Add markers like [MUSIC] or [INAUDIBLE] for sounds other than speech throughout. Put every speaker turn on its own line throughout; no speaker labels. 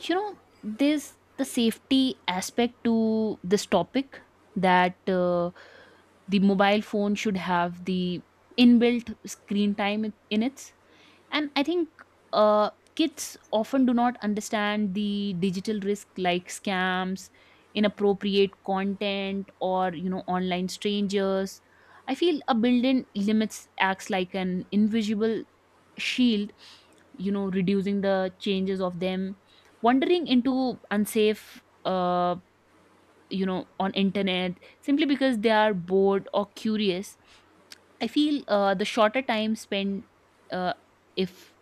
There's the safety aspect to this topic that the mobile phone should have the inbuilt screen time in it. And I think uh, kids often do not understand the digital risk like scams, inappropriate content, or online strangers. I feel a built-in limits acts like an invisible shield, reducing the changes of them wandering into unsafe on internet simply because they are bored or curious. I feel the shorter time spent, uh, if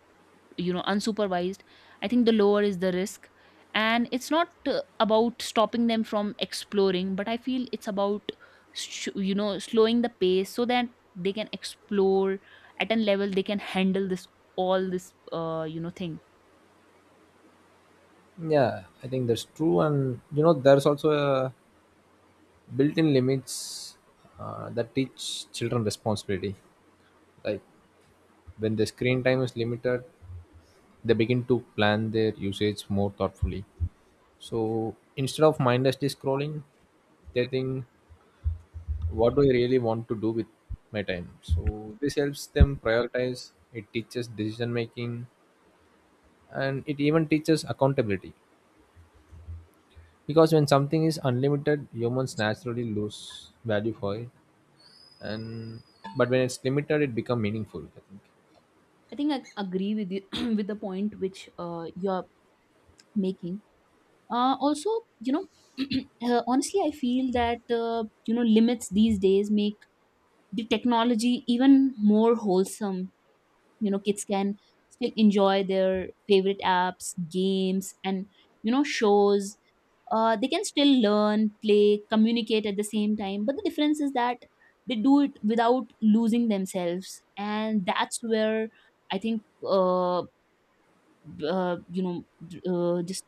unsupervised, I think the lower is the risk. And it's not about stopping them from exploring, but I feel it's about slowing the pace so that they can explore at a level they can handle this, all this thing.
Yeah, I think that's true, and you know, there's also a built-in limits that teach children responsibility. Like when the screen time is limited, they begin to plan their usage more thoughtfully. So instead of mindlessly scrolling, they think, "What do I really want to do with my time?" So this helps them prioritize. It teaches decision making, and it even teaches accountability. Because when something is unlimited, humans naturally lose value for it, and but when it's limited, it become meaningful, I think.
I think I agree with you [CLEARS THROAT] with the point which you're making. Also, you know, [CLEARS THROAT] honestly, I feel that limits these days make the technology even more wholesome. Kids can still enjoy their favorite apps, games, and shows. They can still learn, play, communicate at the same time, but the difference is that they do it without losing themselves. And that's where I think uh, b- uh, you know just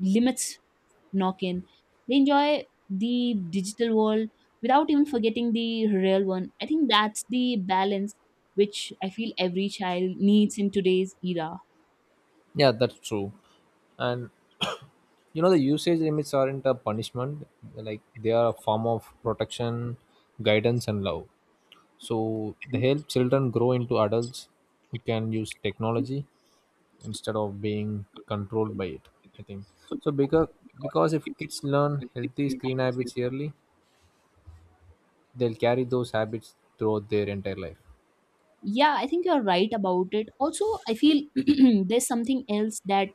limits knock in. They enjoy the digital world without even forgetting the real one. I think that's the balance which I feel every child needs in today's era.
Yeah, that's true. And [COUGHS] [CLEARS THROAT] you know, the usage limits aren't a punishment, like they are a form of protection, guidance and love. So they help children grow into adults who can use technology instead of being controlled by it, I think. So because if kids learn healthy screen habits early, they'll carry those habits throughout their entire life.
Yeah, I think you're right about it. Also, I feel [CLEARS THROAT] there's something else that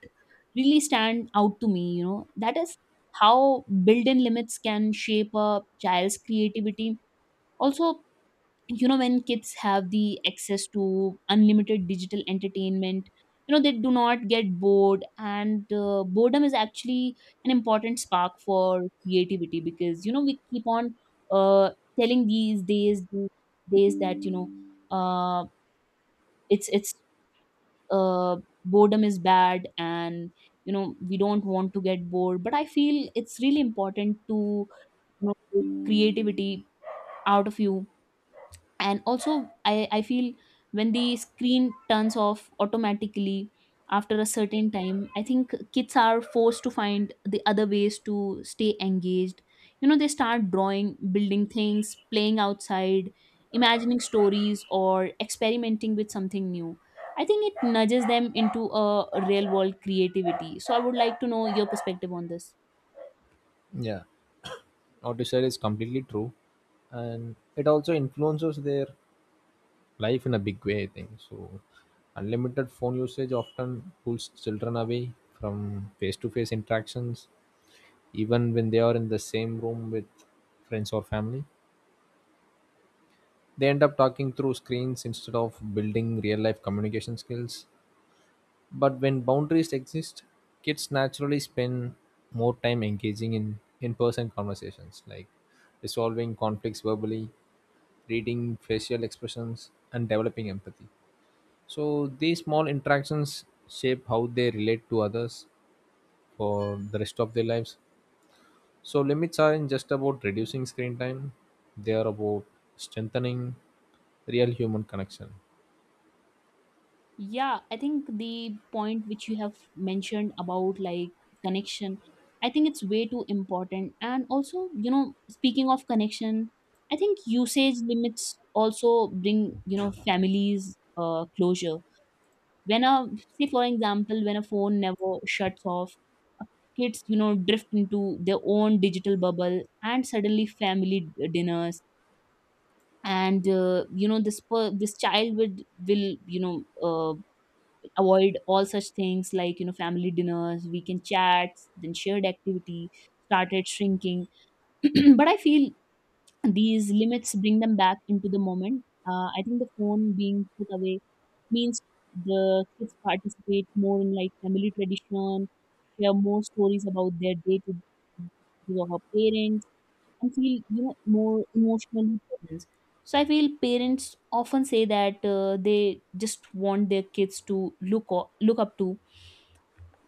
really stand out to me, you know, that is how built in limits can shape a child's creativity. Also, when kids have the access to unlimited digital entertainment, they do not get bored. And boredom is actually an important spark for creativity, because we keep on uh, telling these days, that uh, it's uh, boredom is bad. And we don't want to get bored, but I feel it's really important to take creativity out of you. And also, I feel when the screen turns off automatically after a certain time, I think kids are forced to find the other ways to stay engaged. They start drawing, building things, playing outside, imagining stories, or experimenting with something new. I think it nudges them into a real world creativity. So I would like to know your perspective on this.
Yeah. What you said is completely true, and it also influences their life in a big way, I think so. Unlimited phone usage often pulls children away from face-to-face interactions, even when they are in the same room with friends or family. They end up talking through screens instead of building real-life communication skills. But when boundaries exist, kids naturally spend more time engaging in person conversations, like resolving conflicts verbally, reading facial expressions, and developing empathy. So these small interactions shape how they relate to others for the rest of their lives. So limits aren't just about reducing screen time, they are about strengthening real human connection.
Yeah, I think the point which you have mentioned about like connection, I think it's way too important. And also, you know, speaking of connection, I think usage limits also bring, you know, families closure. When a, say for example, when a phone never shuts off, kids, you know, drift into their own digital bubble, and suddenly family dinners and this this child would will uh, avoid all such things like family dinners, weekend chats, then shared activity started shrinking. [CLEARS THROAT] But I feel these limits bring them back into the moment. I think the phone being put away means the kids participate more in like family tradition, share more stories about their day to day of our parents, and feel more emotionally present. So I feel parents often say that they just want their kids to look up to,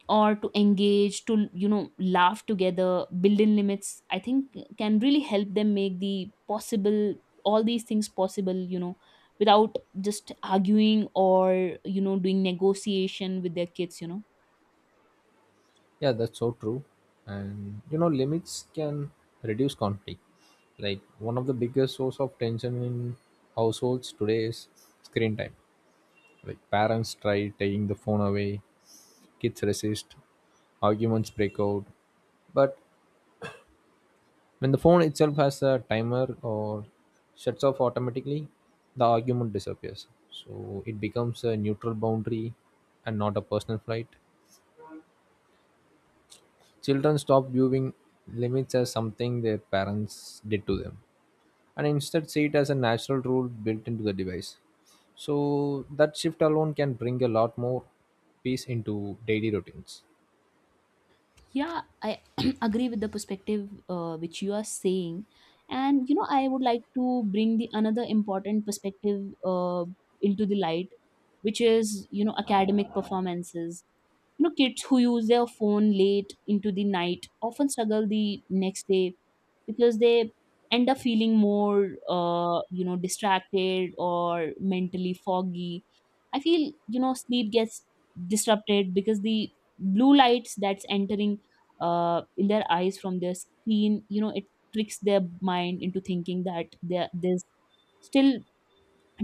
or to engage to, you know laugh together. Building limits, I think, can really help them make the possible, all these things possible, without just arguing or doing negotiation with their kids,
Yeah, that's so true. And you know, limits can reduce conflict. Like one of the biggest source of tension in households today is screen time. Like parents try taking the phone away, kids resist, arguments break out. But when the phone itself has a timer or shuts off automatically, the argument disappears. So it becomes a neutral boundary and not a personal fight. Children stop viewing limits as something their parents did to them and instead see it as a natural rule built into the device. So that shift alone can bring a lot more peace into daily routines.
Yeah, I [CLEARS THROAT] agree with the perspective which you are saying. And, you know, I would like to bring the another important perspective into the light, which is, you know, academic performances. You know, kids who use their phone late into the night often struggle the next day because they end up feeling more, you know, distracted or mentally foggy. I feel, you know, sleep gets disrupted because the blue lights that's entering in their eyes from their screen, you know, it tricks their mind into thinking that there's still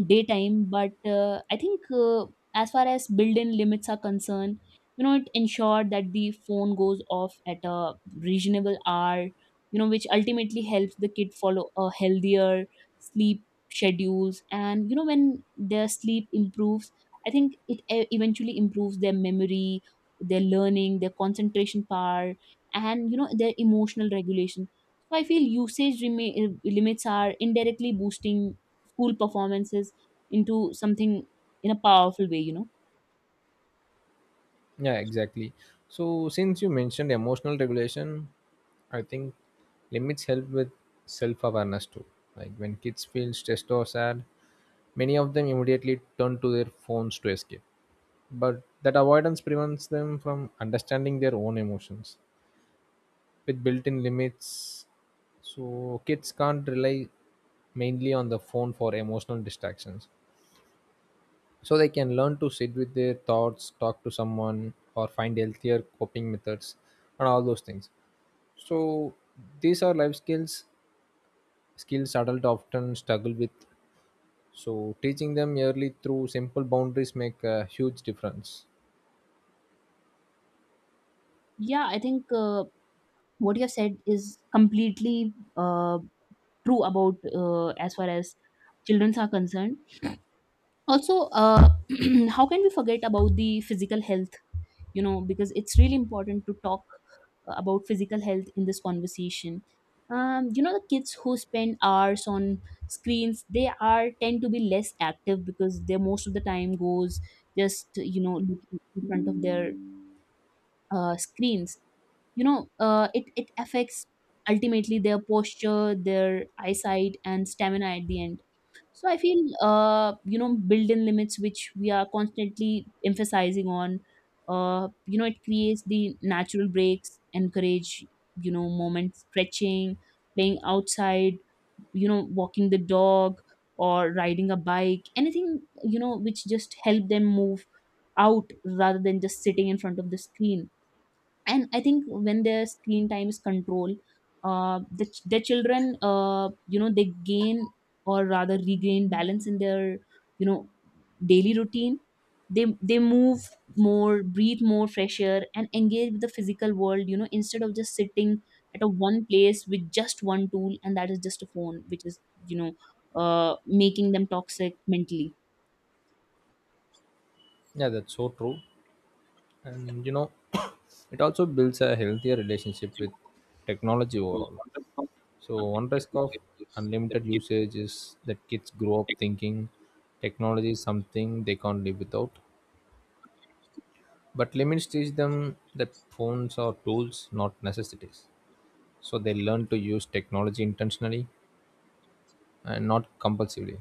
daytime. But I think as far as built-in limits are concerned, it ensured that the phone goes off at a reasonable hour, which ultimately helps the kid follow a healthier sleep schedules. And when their sleep improves, I think it eventually improves their memory, their learning, their concentration power, and their emotional regulation. So I feel limits are indirectly boosting school performances into something in a powerful way,
Yeah, exactly. So, since you mentioned emotional regulation, I think limits help with self awareness too. Like when kids feel stressed or sad, many of them immediately turn to their phones to escape. But that avoidance prevents them from understanding their own emotions. With built in limits, so kids can't rely mainly on the phone for emotional distractions, so they can learn to sit with their thoughts, talk to someone, or find healthier coping methods and all those things. So these are life skills, skills adults often struggle with, so teaching them early through simple boundaries make a huge difference.
yeah, I think what you have said is completely uh, true about as far as children are concerned. Also [CLEARS THROAT] how can we forget about the physical health? Because it's really important to talk about physical health in this conversation. The kids who spend hours on screens, they are tend to be less active because they most of the time goes just looking in front of their screens. It affects ultimately their posture, their eyesight, and stamina at the end. So I feel built in limits, which we are constantly emphasizing on, it creates the natural breaks, encourage moment stretching, playing outside, walking the dog, or riding a bike, anything which just help them move out rather than just sitting in front of the screen. And I think when their screen time is controlled, the children, they gain, or rather regain balance in their you know daily routine. They move more, breathe more fresh air, and engage with the physical world, instead of just sitting at a one place with just one tool, and that is just a phone, which is you know making them toxic mentally.
Yeah, that's so true. And you know, [COUGHS] it also builds a healthier relationship with technology overall. So one risk of unlimited usage is that kids grow up thinking technology is something they can't live without. But limits teach them that phones are tools, not necessities. So they learn to use technology intentionally and not compulsively.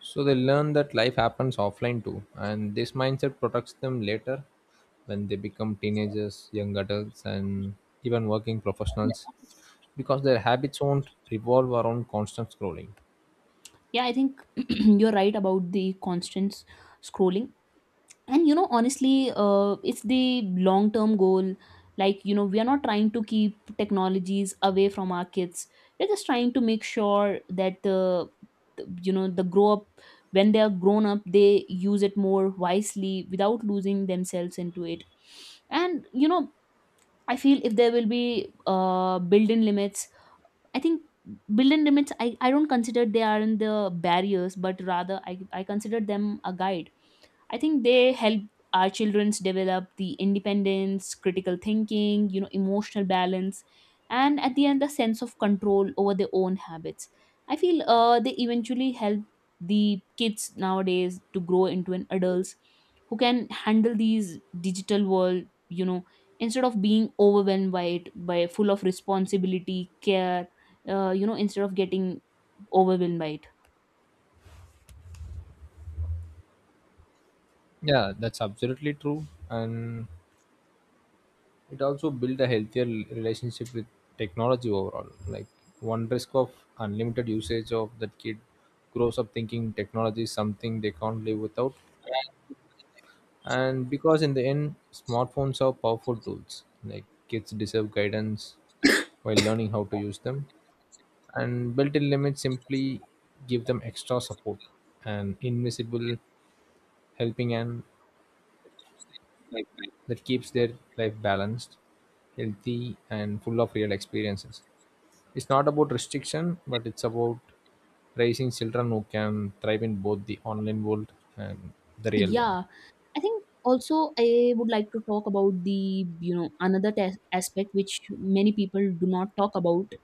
So they learn that life happens offline too, and this mindset protects them later when they become teenagers, young adults, and even working professionals, because their habits won't revolve around constant scrolling.
Yeah, I think [CLEARS THROAT] you're right about the constant scrolling. And you know, honestly, it's the long term goal. Like you know, we are not trying to keep technologies away from our kids, we're just trying to make sure that the the grow up, when they are grown up, they use it more wisely without losing themselves into it. And you know, I feel if there will be built in limits, I think built in limits, I don't consider they are in the barriers, but rather I consider them a guide. I think they help our childrens develop the independence, critical thinking, you know, emotional balance, and at the end, the sense of control over their own habits. I feel they eventually help the kids nowadays to grow into an adults who can handle these digital world, you know, instead of being overwhelmed by it, by full of responsibility, care, you know, instead of getting overwhelmed by it.
Yeah, that's absolutely true. And it also built a healthier l- relationship with technology overall. Like one risk of unlimited usage of that kid grows up thinking technology is something they can't live without. And because in the end, smartphones are powerful tools, like kids deserve guidance while learning how to use them, and built-in limits simply give them extra support and invisible helping hand that keeps their life balanced, healthy and full of real experiences. It's not about restriction, but it's about raising children who can thrive in both the online world and the real one.
Yeah, I think also I would like to talk about the, you know, another tas aspect which many people do not talk about.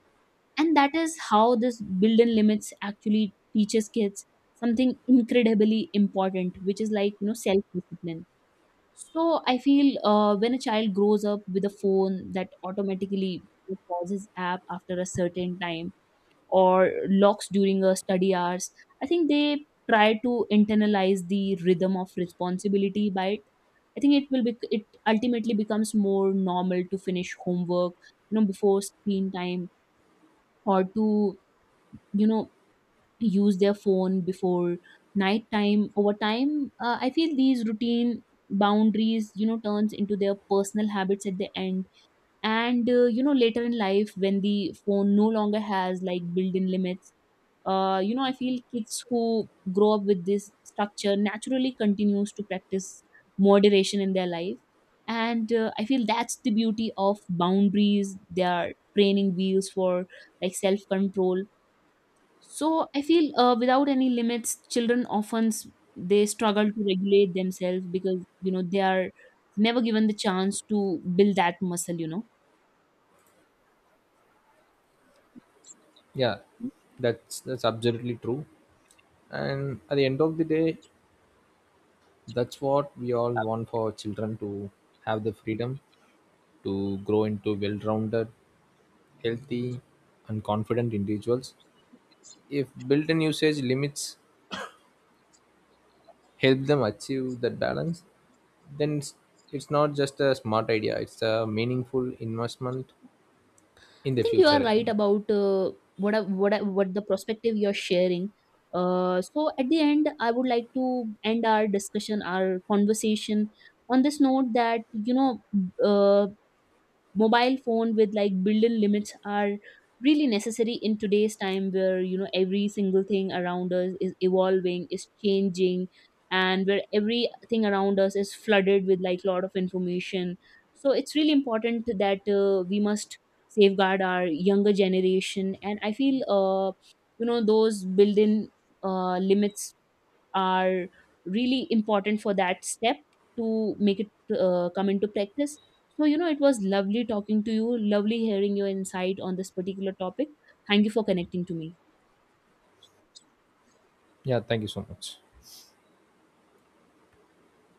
And that is how this built-in limits actually teaches kids something incredibly important, which is, like, you know, self-discipline. So I feel when a child grows up with a phone that automatically pauses app after a certain time or locks during a study hours, I think they try to internalize the rhythm of responsibility by it. I think it will be, it ultimately becomes more normal to finish homework before screen time, or to you know use their phone before night time. Over time, I feel these routine boundaries, turns into their personal habits at the end. And later in life, when the phone no longer has like built in limits, I feel kids who grow up with this structure naturally continues to practice moderation in their life. And I feel that's the beauty of boundaries, they are training wheels for like self control. So I feel without any limits, children often they struggle to regulate themselves because they are never given the chance to build that muscle,
Yeah, that's absolutely true. And at the end of the day, that's what we all want for our children, to have the freedom to grow into well-rounded, healthy, and confident individuals. If built-in usage limits help them achieve that balance, then it's not just a smart idea; it's a meaningful investment in
I
the
think you
future,
are
I
right
think.
about what the perspective you're sharing. So at the end, I would like to end our discussion, our conversation on this note that you know, uh, mobile phone with like built-in limits are really necessary in today's time, where you know every single thing around us is evolving, is changing, and where everything around us is flooded with like lot of information. So it's really important that we must safeguard our younger generation. And I feel you know those built-in limits are really important for that step to make it come into practice. So, you know, it was lovely talking to you, lovely hearing your insight on this particular topic. Thank you for connecting to me.
Yeah, thank you so much.